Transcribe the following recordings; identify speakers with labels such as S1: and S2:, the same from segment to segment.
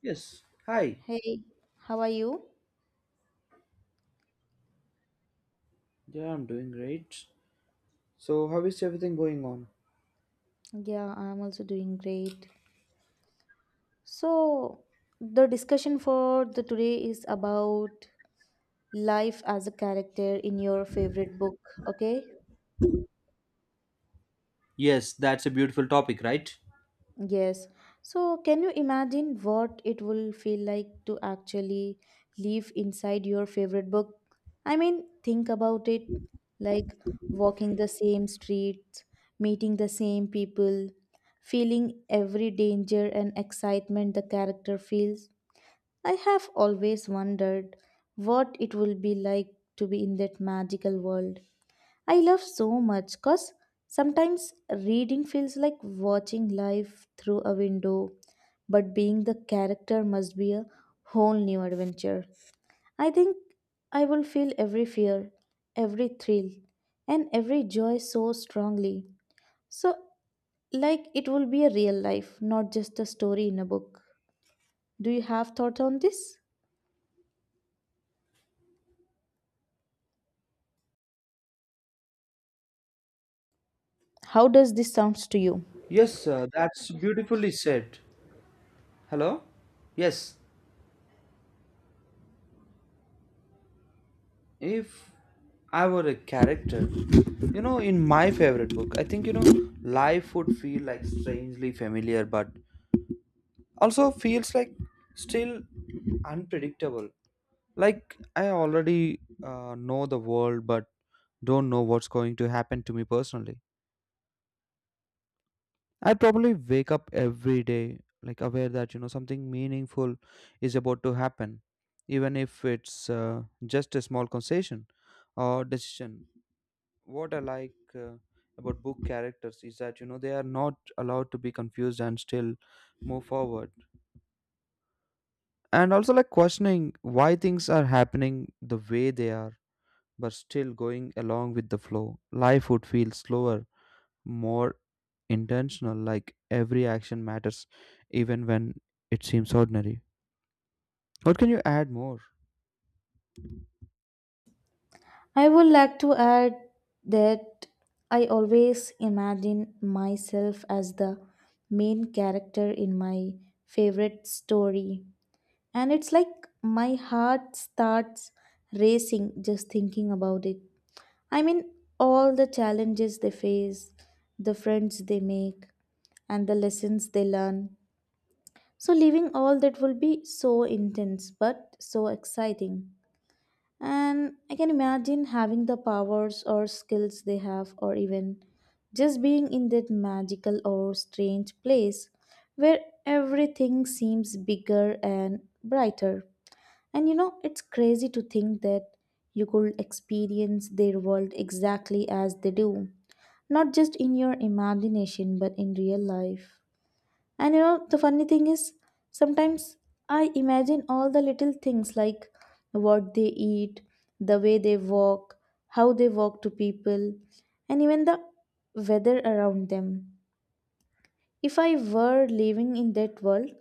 S1: Yes. Hi.
S2: Hey, how are you?
S1: Yeah, I'm doing great. So, how is everything going on?
S2: Yeah, I'm also doing great. So, the discussion for the today is about life as a character in your favorite book, okay?
S1: Yes, that's a beautiful topic, right?
S2: Yes. So, can you imagine what it will feel like to actually live inside your favorite book? I mean, think about it like walking the same streets, meeting the same people, feeling every danger and excitement the character feels. I have always wondered what it will be like to be in that magical world. I love so much because sometimes reading feels like watching life through a window, but being the character must be a whole new adventure. I think I will feel every fear, every thrill, and every joy so strongly. So, like it will be a real life, not just a story in a book. Do you have thoughts on this? How does this sounds to you?
S1: Yes, sir, that's beautifully said. Hello? Yes. If I were a character, you know, in my favorite book, I think, you know, life would feel like strangely familiar, but also feels like still unpredictable. Like, I already know the world, but don't know what's going to happen to me personally. I probably wake up every day like aware that you know something meaningful is about to happen, even if it's just a small concession or decision. What I like about book characters is that you know they are not allowed to be confused and still move forward, and also like questioning why things are happening the way they are, but still going along with the flow. Life would feel slower, more intentional, like every action matters, even when it seems ordinary. What can you add more?
S2: I would like to add that I always imagine myself as the main character in my favorite story, and it's like my heart starts racing just thinking about it. I mean, all the challenges they face, the friends they make, and the lessons they learn. So, living all that will be so intense but so exciting. And I can imagine having the powers or skills they have, or even just being in that magical or strange place where everything seems bigger and brighter. And you know, it's crazy to think that you could experience their world exactly as they do, not just in your imagination, but in real life. And you know, the funny thing is, sometimes I imagine all the little things like what they eat, the way they walk, how they walk to people, and even the weather around them. If I were living in that world,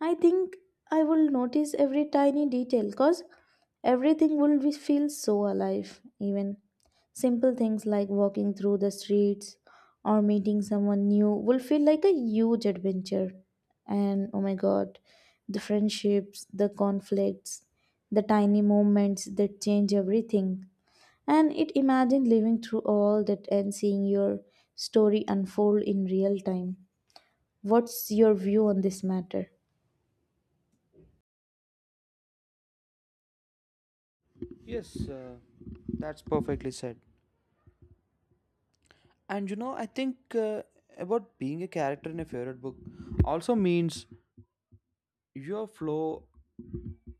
S2: I think I will notice every tiny detail cause everything will be, feel so alive. Even simple things like walking through the streets or meeting someone new will feel like a huge adventure. And oh my god, the friendships, the conflicts, the tiny moments that change everything. And it imagine living through all that and seeing your story unfold in real time. What's your view on this matter?
S1: Yes, that's perfectly said. And you know, I think about being a character in a favorite book also means your flow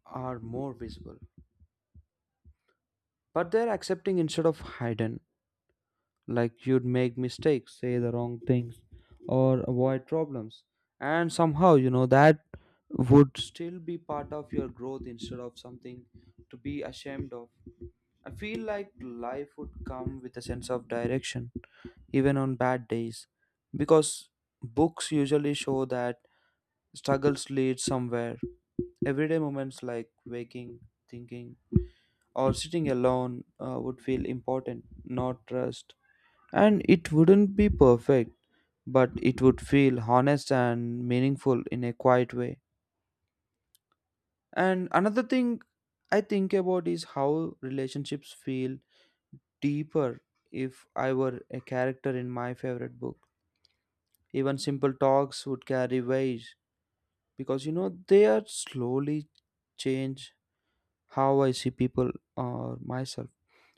S1: are more visible, but they're accepting instead of hidden. Like you'd make mistakes, say the wrong things or avoid problems, and somehow you know that would still be part of your growth instead of something to be ashamed of. I feel like life would come with a sense of direction even on bad days because books usually show that struggles lead somewhere. Everyday moments like waking, thinking, or sitting alone would feel important, not rushed, and it wouldn't be perfect, but it would feel honest and meaningful in a quiet way. And another thing I think about is how relationships feel deeper if I were a character in my favorite book. Even simple talks would carry weight because you know they are slowly change how I see people or myself.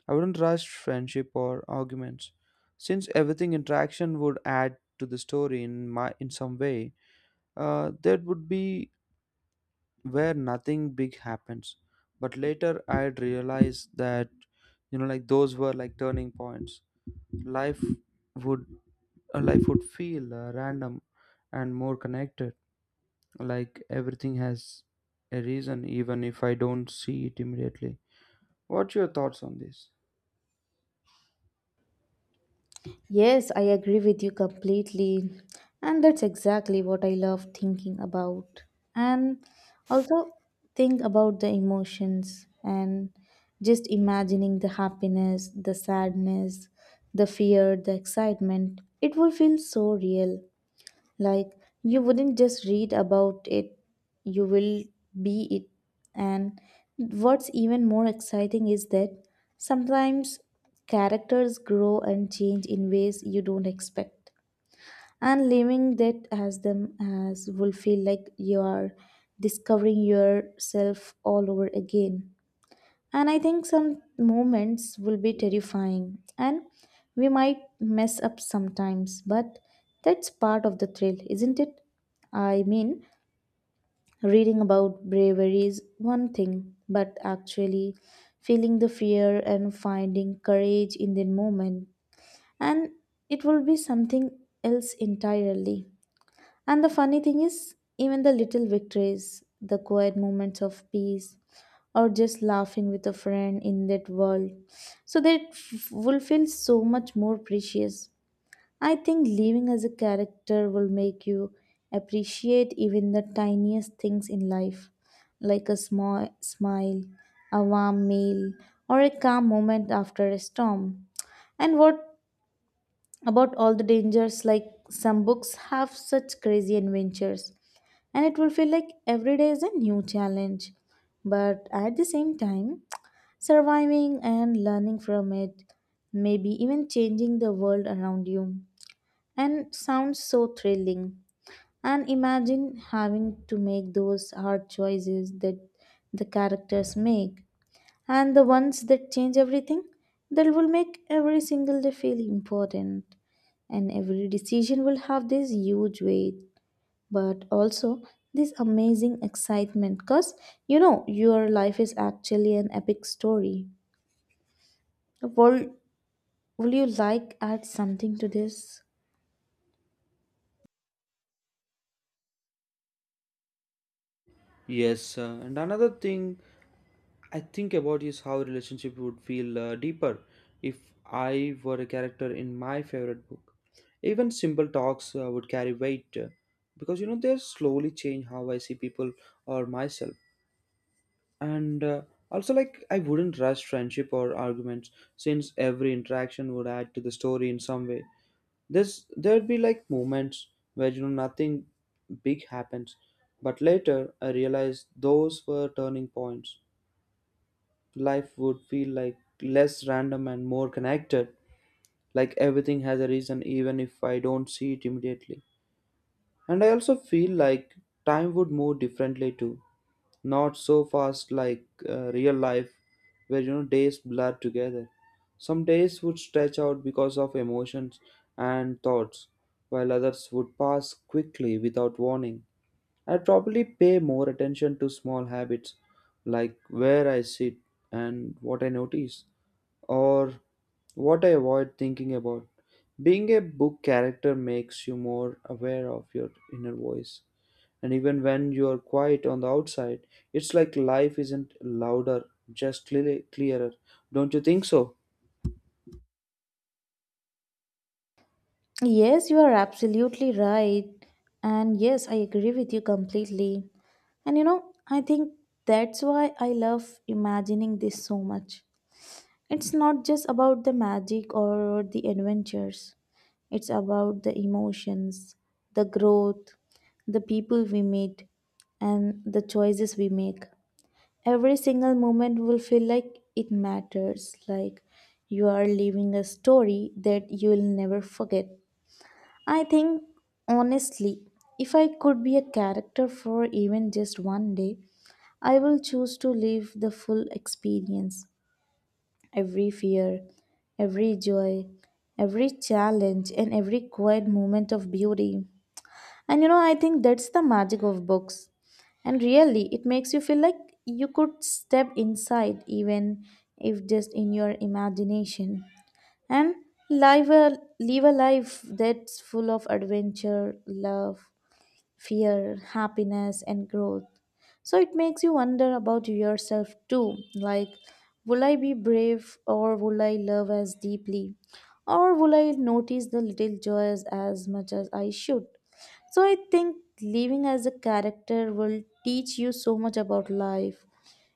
S1: I wouldn't rush friendship or arguments since everything interaction would add to the story in some way. That would be where nothing big happens. But later I'd realize that you know like those were like turning points. Life would life would feel random and more connected. Like everything has a reason even if I don't see it immediately. What's your thoughts on this?
S2: Yes, I agree with you completely. And that's exactly what I love thinking about. And also think about the emotions and just imagining the happiness, the sadness, the fear, the excitement. It will feel so real. Like, you wouldn't just read about it, you will be it. And what's even more exciting is that sometimes characters grow and change in ways you don't expect. And living that as them as will feel like you are discovering yourself all over again. And I think some moments will be terrifying and we might mess up sometimes, but that's part of the thrill, isn't it? I mean, reading about bravery is one thing, but actually feeling the fear and finding courage in the moment, and it will be something else entirely. And the funny thing is, even the little victories, the quiet moments of peace, or just laughing with a friend in that world. So that will feel so much more precious. I think living as a character will make you appreciate even the tiniest things in life, like a small smile, a warm meal, or a calm moment after a storm. And what about all the dangers? Like some books have such crazy adventures, and it will feel like every day is a new challenge. But at the same time, surviving and learning from it, maybe even changing the world around you. And sounds so thrilling. And imagine having to make those hard choices that the characters make, and the ones that change everything, that will make every single day feel important. And every decision will have this huge weight, but also this amazing excitement because you know your life is actually an epic story a world. Would you like add something to this?
S1: Yes, and another thing I think about is how relationship would feel deeper if I were a character in my favorite book. Even simple talks would carry weight because you know they slowly change how I see people or myself. And also, like, I wouldn't rush friendship or arguments since every interaction would add to the story in some way. There'd be like moments where you know nothing big happens, but later I realized those were turning points. Life would feel like less random and more connected, like everything has a reason even if I don't see it immediately. And I also feel like time would move differently too, not so fast like real life where you know days blur together. Some days would stretch out because of emotions and thoughts, while others would pass quickly without warning. I'd probably pay more attention to small habits, like where I sit and what I notice, or what I avoid thinking about. Being a book character makes you more aware of your inner voice. And even when you're quiet on the outside, it's like life isn't louder, just clearer. Don't you think so?
S2: Yes, you are absolutely right. And yes, I agree with you completely. And you know, I think that's why I love imagining this so much. It's not just about the magic or the adventures. It's about the emotions, the growth, the people we meet, and the choices we make. Every single moment will feel like it matters, like you are living a story that you will never forget. I think honestly, if I could be a character for even just one day, I will choose to live the full experience, every fear, every joy, every challenge, and every quiet moment of beauty. And you know, I think that's the magic of books. And really, it makes you feel like you could step inside, even if just in your imagination, and live a life that's full of adventure, love, fear, happiness, and growth. So it makes you wonder about yourself too. Like, will I be brave or will I love as deeply? Or will I notice the little joys as much as I should? So I think living as a character will teach you so much about life,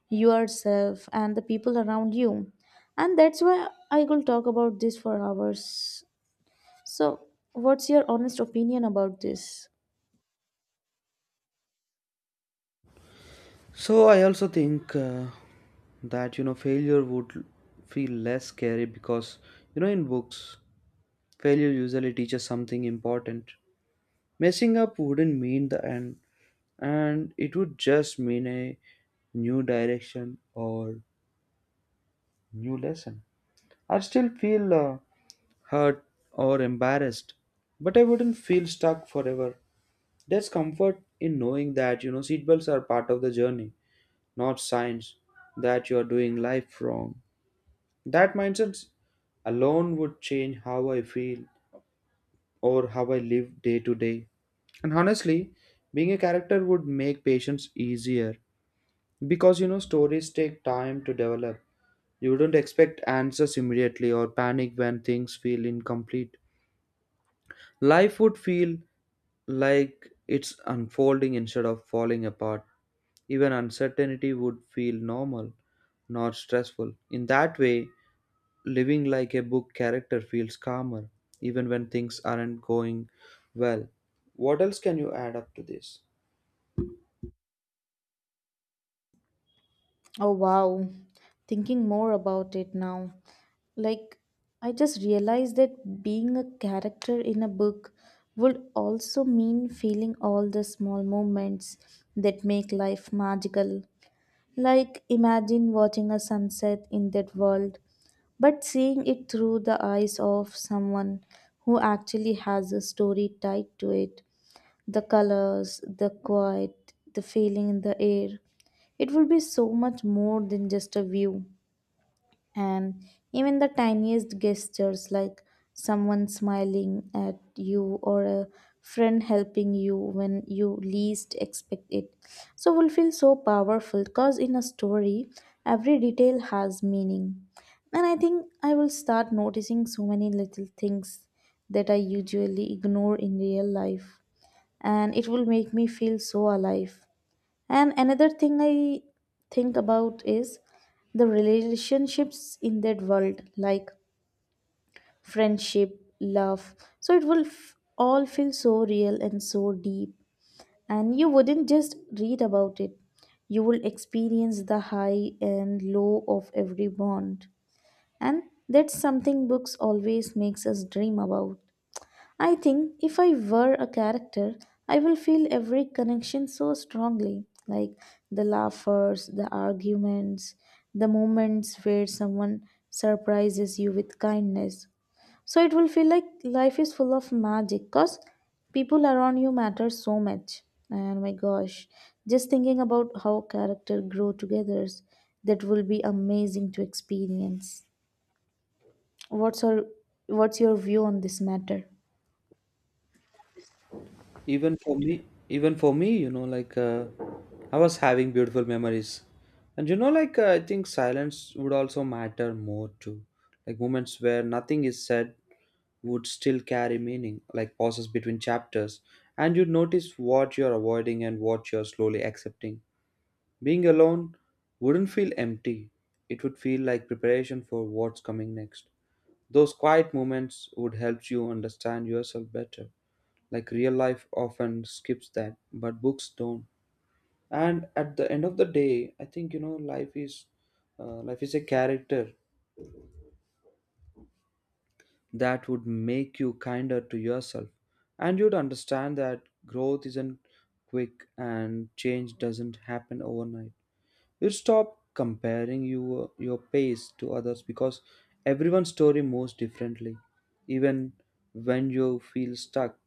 S2: yourself, and the people around you. And that's why I will talk about this for hours. So, what's your honest opinion about this?
S1: So I also think that you know failure would feel less scary because you know in books failure usually teaches something important. Messing up wouldn't mean the end, and it would just mean a new direction or new lesson. I'd still feel hurt or embarrassed, but I wouldn't feel stuck forever. There's comfort in knowing that you know seatbelts are part of the journey, not signs that you are doing life wrong. That mindset alone would change how I feel or how I live day to day. And honestly, being a character would make patience easier, because you know, stories take time to develop. You don't expect answers immediately or panic when things feel incomplete. Life would feel like it's unfolding instead of falling apart. Even uncertainty would feel normal, not stressful. In that way, living like a book character feels calmer, even when things aren't going well. What else can you add up to this?
S2: Oh, wow. Thinking more about it now. Like, I just realized that being a character in a book would also mean feeling all the small moments that make life magical. Like, imagine watching a sunset in that world, but seeing it through the eyes of someone who actually has a story tied to it. The colors, the quiet, the feeling in the air. It would be so much more than just a view. And even the tiniest gestures like someone smiling at you or a friend helping you when you least expect it. So will feel so powerful because in a story, every detail has meaning. And I think I will start noticing so many little things that I usually ignore in real life. And it will make me feel so alive. And another thing I think about is the relationships in that world, like friendship, love. So it will all feel so real and so deep. And you wouldn't just read about it, you will experience the high and low of every bond. And that's something books always makes us dream about. I think if I were a character, I will feel every connection so strongly, like the laughers, the arguments, the moments where someone surprises you with kindness. So it will feel like life is full of magic because people around you matter so much. And my gosh, just thinking about how character grow together, that will be amazing to experience. What's your, what's your view on this matter?
S1: even for me even for me, you know, like I was having beautiful memories. And you know, like I think silence would also matter more too, like moments where nothing is said would still carry meaning, like pauses between chapters. And you'd notice what you're avoiding and what you're slowly accepting. Being alone wouldn't feel empty, it would feel like preparation for what's coming next. Those quiet moments would help you understand yourself better, like real life often skips that but books don't. And at the end of the day, I think you know life is a character that would make you kinder to yourself, and you'd understand that growth isn't quick and change doesn't happen overnight. You stop comparing your pace to others because everyone's story moves differently. Even when you feel stuck,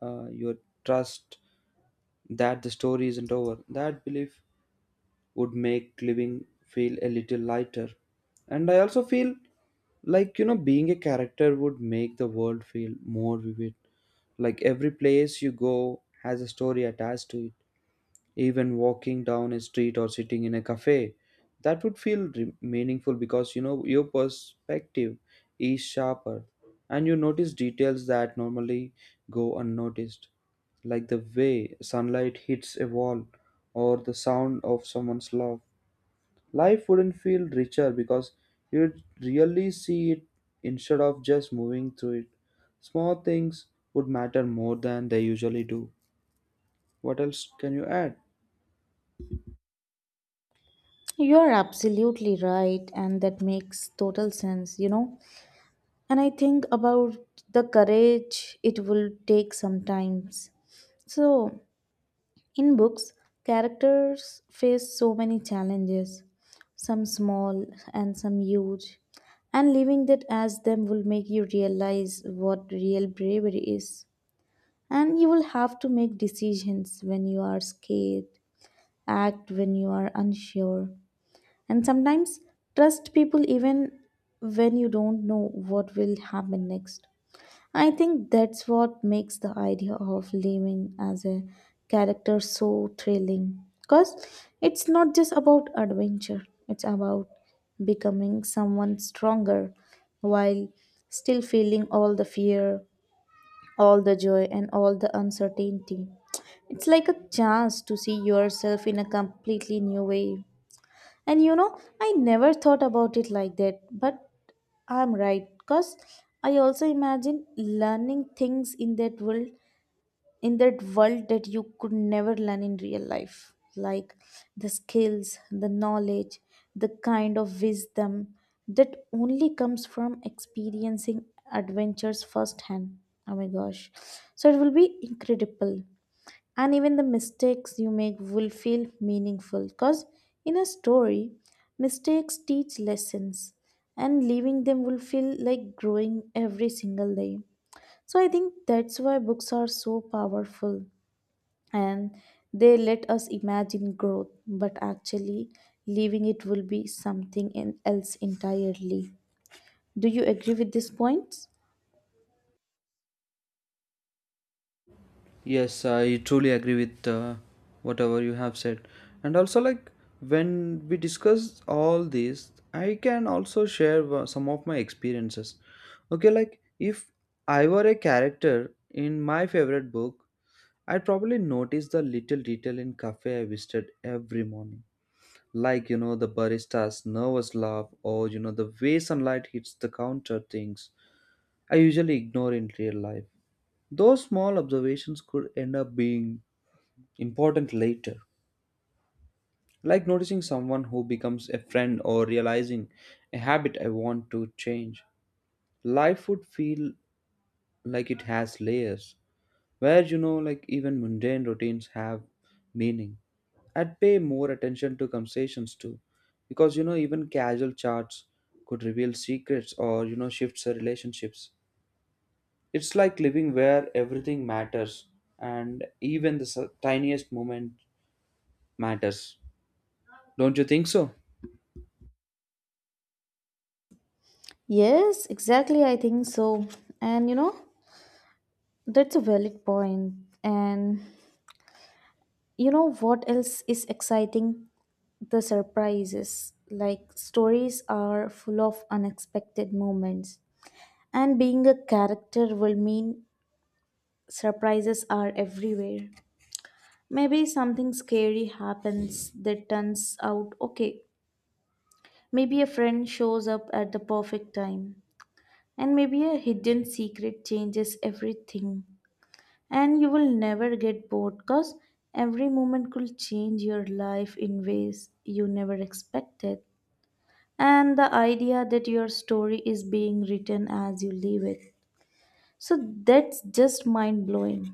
S1: your trust that the story isn't over. That belief would make living feel a little lighter. And I also feel like, you know, being a character would make the world feel more vivid. Like every place you go has a story attached to it. Even walking down a street or sitting in a cafe, that would feel meaningful because you know your perspective is sharper, and you notice details that normally go unnoticed, like the way sunlight hits a wall or the sound of someone's laugh. Life wouldn't feel richer because you'd really see it instead of just moving through it. Small things would matter more than they usually do. What else can you add?
S2: You're absolutely right, and that makes total sense, you know. And I think about the courage it will take sometimes. So, in books, characters face so many challenges, some small and some huge. And living that as them will make you realize what real bravery is. And you will have to make decisions when you are scared, act when you are unsure, and sometimes trust people even when you don't know what will happen next. I think that's what makes the idea of living as a character so thrilling. Because it's not just about adventure, it's about becoming someone stronger while still feeling all the fear, all the joy, and all the uncertainty. It's like a chance to see yourself in a completely new way. And you know, I never thought about it like that, but I'm right because I also imagine learning things in that world that you could never learn in real life, like the skills, the knowledge, the kind of wisdom that only comes from experiencing adventures firsthand. Oh my gosh, so it will be incredible. And even the mistakes you make will feel meaningful because in a story, mistakes teach lessons, and leaving them will feel like growing every single day. So I think that's why books are so powerful, and they let us imagine growth, but actually leaving it will be something else entirely. Do you agree with these points?
S1: Yes, I truly agree with whatever you have said. And also, like, when we discuss all this, I can also share some of my experiences. Okay, like, if I were a character in my favorite book, I'd probably notice the little detail in cafe I visited every morning. Like, you know, the barista's nervous laugh, or, you know, the way sunlight hits the counter, things I usually ignore in real life. Those small observations could end up being important later, like noticing someone who becomes a friend or realizing a habit I want to change. Life would feel like it has layers, where you know, like, even mundane routines have meaning. I'd pay more attention to conversations too, because you know, even casual chats could reveal secrets or you know, shifts the relationships. It's like living where everything matters and even the tiniest moment matters. Don't you think so?
S2: Yes, exactly, I think so. And you know, that's a valid point. And you know what else is exciting? The surprises. Like, stories are full of unexpected moments. And being a character will mean surprises are everywhere. Maybe something scary happens that turns out okay. Maybe a friend shows up at the perfect time. And maybe a hidden secret changes everything. And you will never get bored because every moment could change your life in ways you never expected. And the idea that your story is being written as you live it. So that's just mind blowing.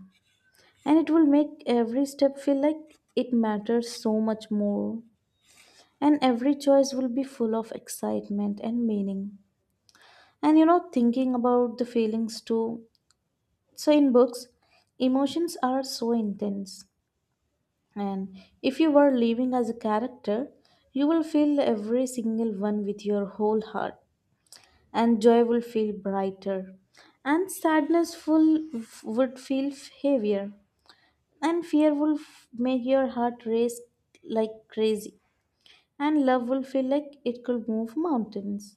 S2: And it will make every step feel like it matters so much more. And every choice will be full of excitement and meaning. And you know, thinking about the feelings too. So in books, emotions are so intense. And if you were living as a character, you will feel every single one with your whole heart, and joy will feel brighter, and sadness full would feel heavier, and make your heart race like crazy, and love will feel like it could move mountains.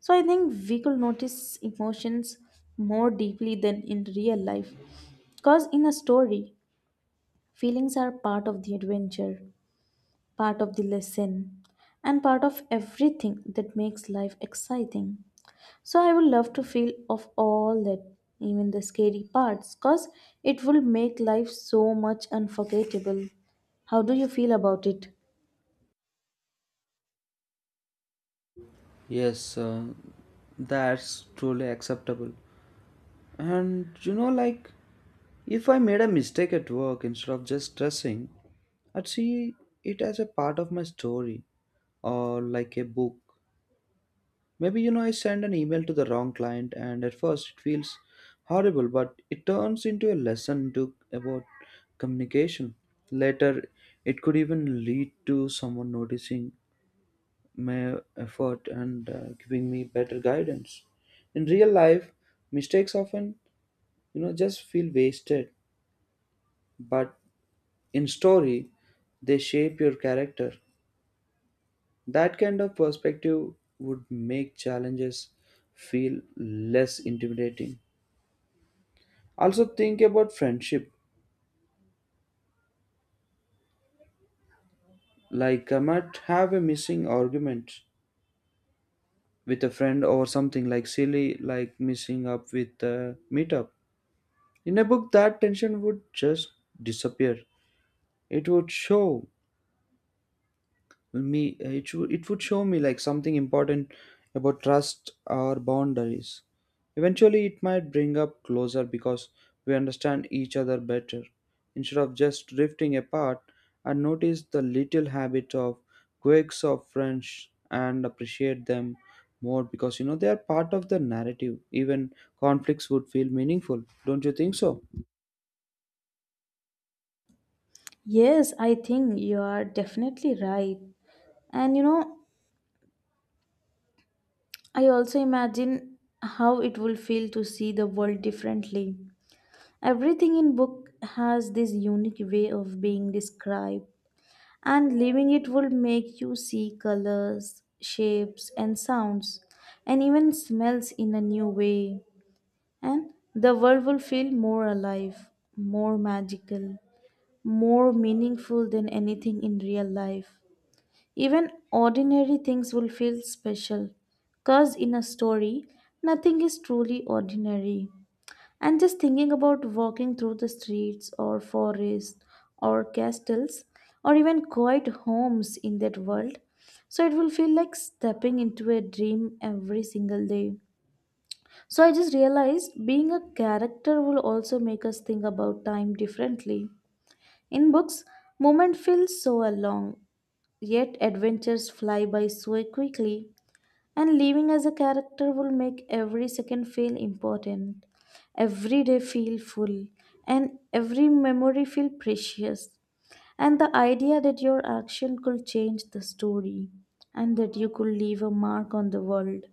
S2: So I think we could notice emotions more deeply than in real life, because in a story, feelings are part of the adventure, part of the lesson, and part of everything that makes life exciting. So I would love to feel of all that, even the scary parts, cause it will make life so much unforgettable. How do you feel about it?
S1: Yes, that's truly acceptable. And you know, like, if I made a mistake at work instead of just stressing, I'd see it as a part of my story or like a book. Maybe, you know, I send an email to the wrong client and at first it feels horrible, but it turns into a lesson to, about communication. Later, it could even lead to someone noticing my effort and giving me better guidance. In real life, mistakes often you know just feel wasted, but in story, they shape your character. That kind of perspective would make challenges feel less intimidating. Also think about friendship, like I might have a missing argument with a friend or something like silly, like missing up with a meetup. In a book, that tension would just disappear. It would show me it would show me like something important about trust or boundaries. Eventually it might bring up closer because we understand each other better instead of just drifting apart. And notice the little habit of quirks of french and appreciate them more because you know they are part of the narrative. Even conflicts would feel meaningful. Don't you think so?
S2: Yes, I think you are definitely right. And you know, I also imagine how it will feel to see the world differently. Everything in book has this unique way of being described, and leaving it will make you see colors, shapes, and sounds, and even smells in a new way. And the world will feel more alive, more magical, more meaningful than anything in real life. Even ordinary things will feel special, because in a story, nothing is truly ordinary. And just thinking about walking through the streets or forests or castles or even quiet homes in that world. So it will feel like stepping into a dream every single day. So I just realized being a character will also make us think about time differently. In books, moment feels so long, yet adventures fly by so quickly. And living as a character will make every second feel important, every day feel full, and every memory feel precious. And the idea that your action could change the story and that you could leave a mark on the world.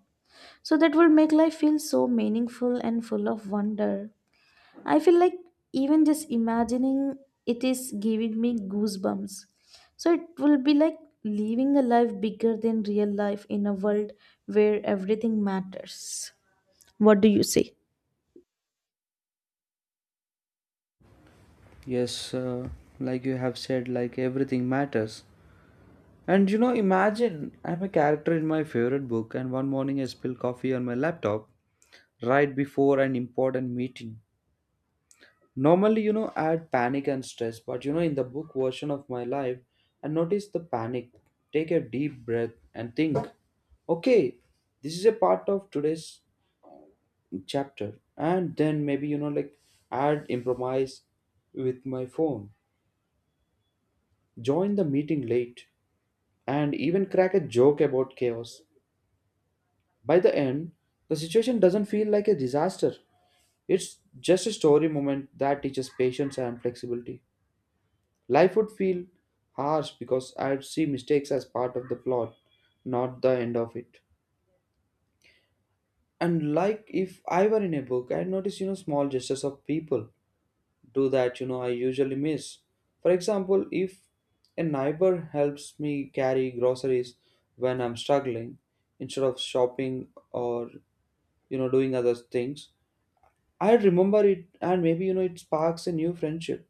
S2: So that will make life feel so meaningful and full of wonder. I feel like even just imagining it is giving me goosebumps. So it will be like living a life bigger than real life in a world where everything matters. What do you say?
S1: Yes, like you have said, like everything matters. And you know, imagine I'm a character in my favorite book, and one morning I spill coffee on my laptop right before an important meeting. Normally, you know, I'd panic and stress, but you know, in the book version of my life, I notice the panic, take a deep breath, and think, okay, this is a part of today's chapter. And then maybe, you know, like I'd improvise with my phone, join the meeting late, and even crack a joke about chaos. By the end, the situation doesn't feel like a disaster. It's just a story moment that teaches patience and flexibility. Life would feel harsh because I'd see mistakes as part of the plot, not the end of it. And like if I were in a book, I'd notice, you know, small gestures of people do that, you know, I usually miss. For example, if a neighbor helps me carry groceries when I'm struggling instead of shopping or, you know, doing other things, I remember it, and maybe you know it sparks a new friendship.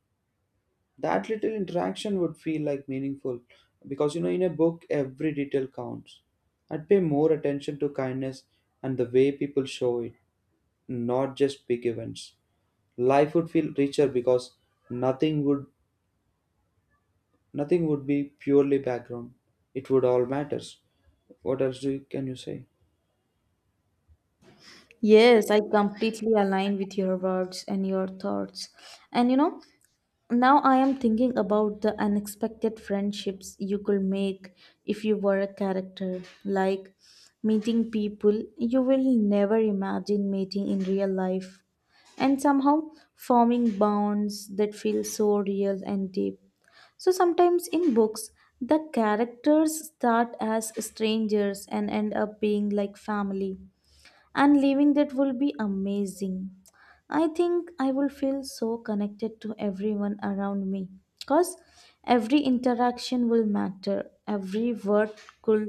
S1: That little interaction would feel like meaningful because you know in a book every detail counts. I'd pay more attention to kindness and the way people show it, not just big events. Life would feel richer because nothing would nothing would be purely background. It would all matters. What else do you, can you say?
S2: Yes, I completely align with your words and your thoughts. And you know, now I am thinking about the unexpected friendships you could make if you were a character, like meeting people you will never imagine meeting in real life, and somehow forming bonds that feel so real and deep. So sometimes in books, the characters start as strangers and end up being like family, and living that will be amazing. I think I will feel so connected to everyone around me, because every interaction will matter, every word could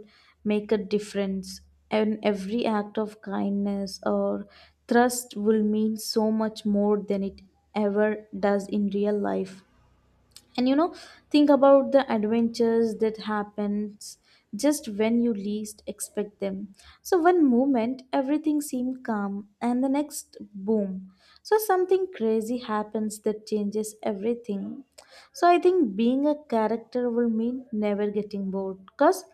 S2: make a difference, and every act of kindness or trust will mean so much more than it ever does in real life. And you know, think about the adventures that happens just when you least expect them. So one moment everything seemed calm and the next boom, so something crazy happens that changes everything. So I think being a character will mean never getting bored, because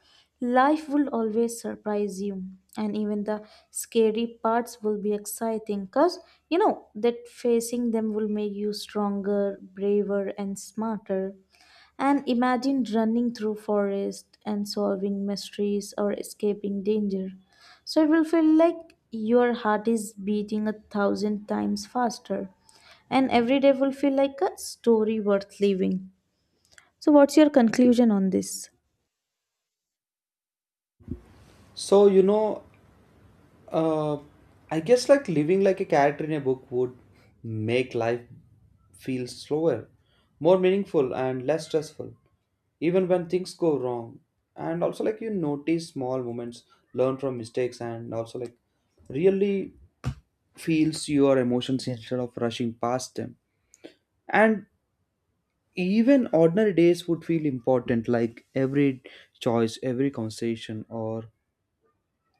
S2: life will always surprise you, and even the scary parts will be exciting because you know that facing them will make you stronger, braver and smarter. And imagine running through forest and solving mysteries or escaping danger. So it will feel like your heart is beating a thousand times faster and every day will feel like a story worth living. So, what's your conclusion on this?
S1: So you know, Uh, I guess like living like a character in a book would make life feel slower, more meaningful, and less stressful, even when things go wrong. And also, like, you notice small moments, learn from mistakes, and also like really feels your emotions instead of rushing past them. And even ordinary days would feel important, like every choice, every conversation, or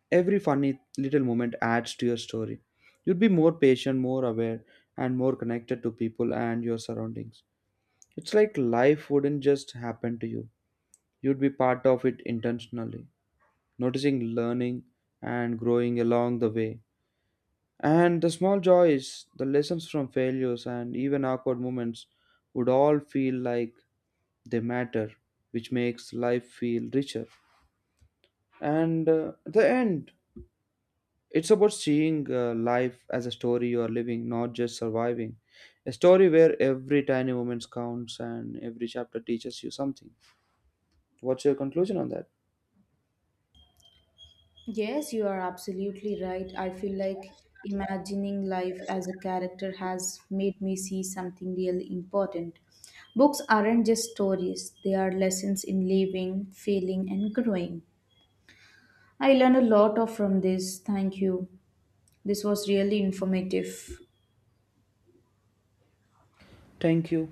S1: every funny little moment adds to your story. You'd be more patient, more aware, and more connected to people and your surroundings. It's like life wouldn't just happen to you, you'd be part of it intentionally, noticing, learning, and growing along the way. And the small joys, the lessons from failures, and even awkward moments would all feel like they matter, which makes life feel richer. And at the end, it's about seeing life as a story you are living, not just surviving. A story where every tiny moment counts and every chapter teaches you something. What's your conclusion on that?
S2: Yes, you are absolutely right. I feel like imagining life as a character has made me see something really important. Books aren't just stories, they are lessons in living, feeling, and growing. I learned a lot of from this. Thank you. This was really informative.
S1: Thank you.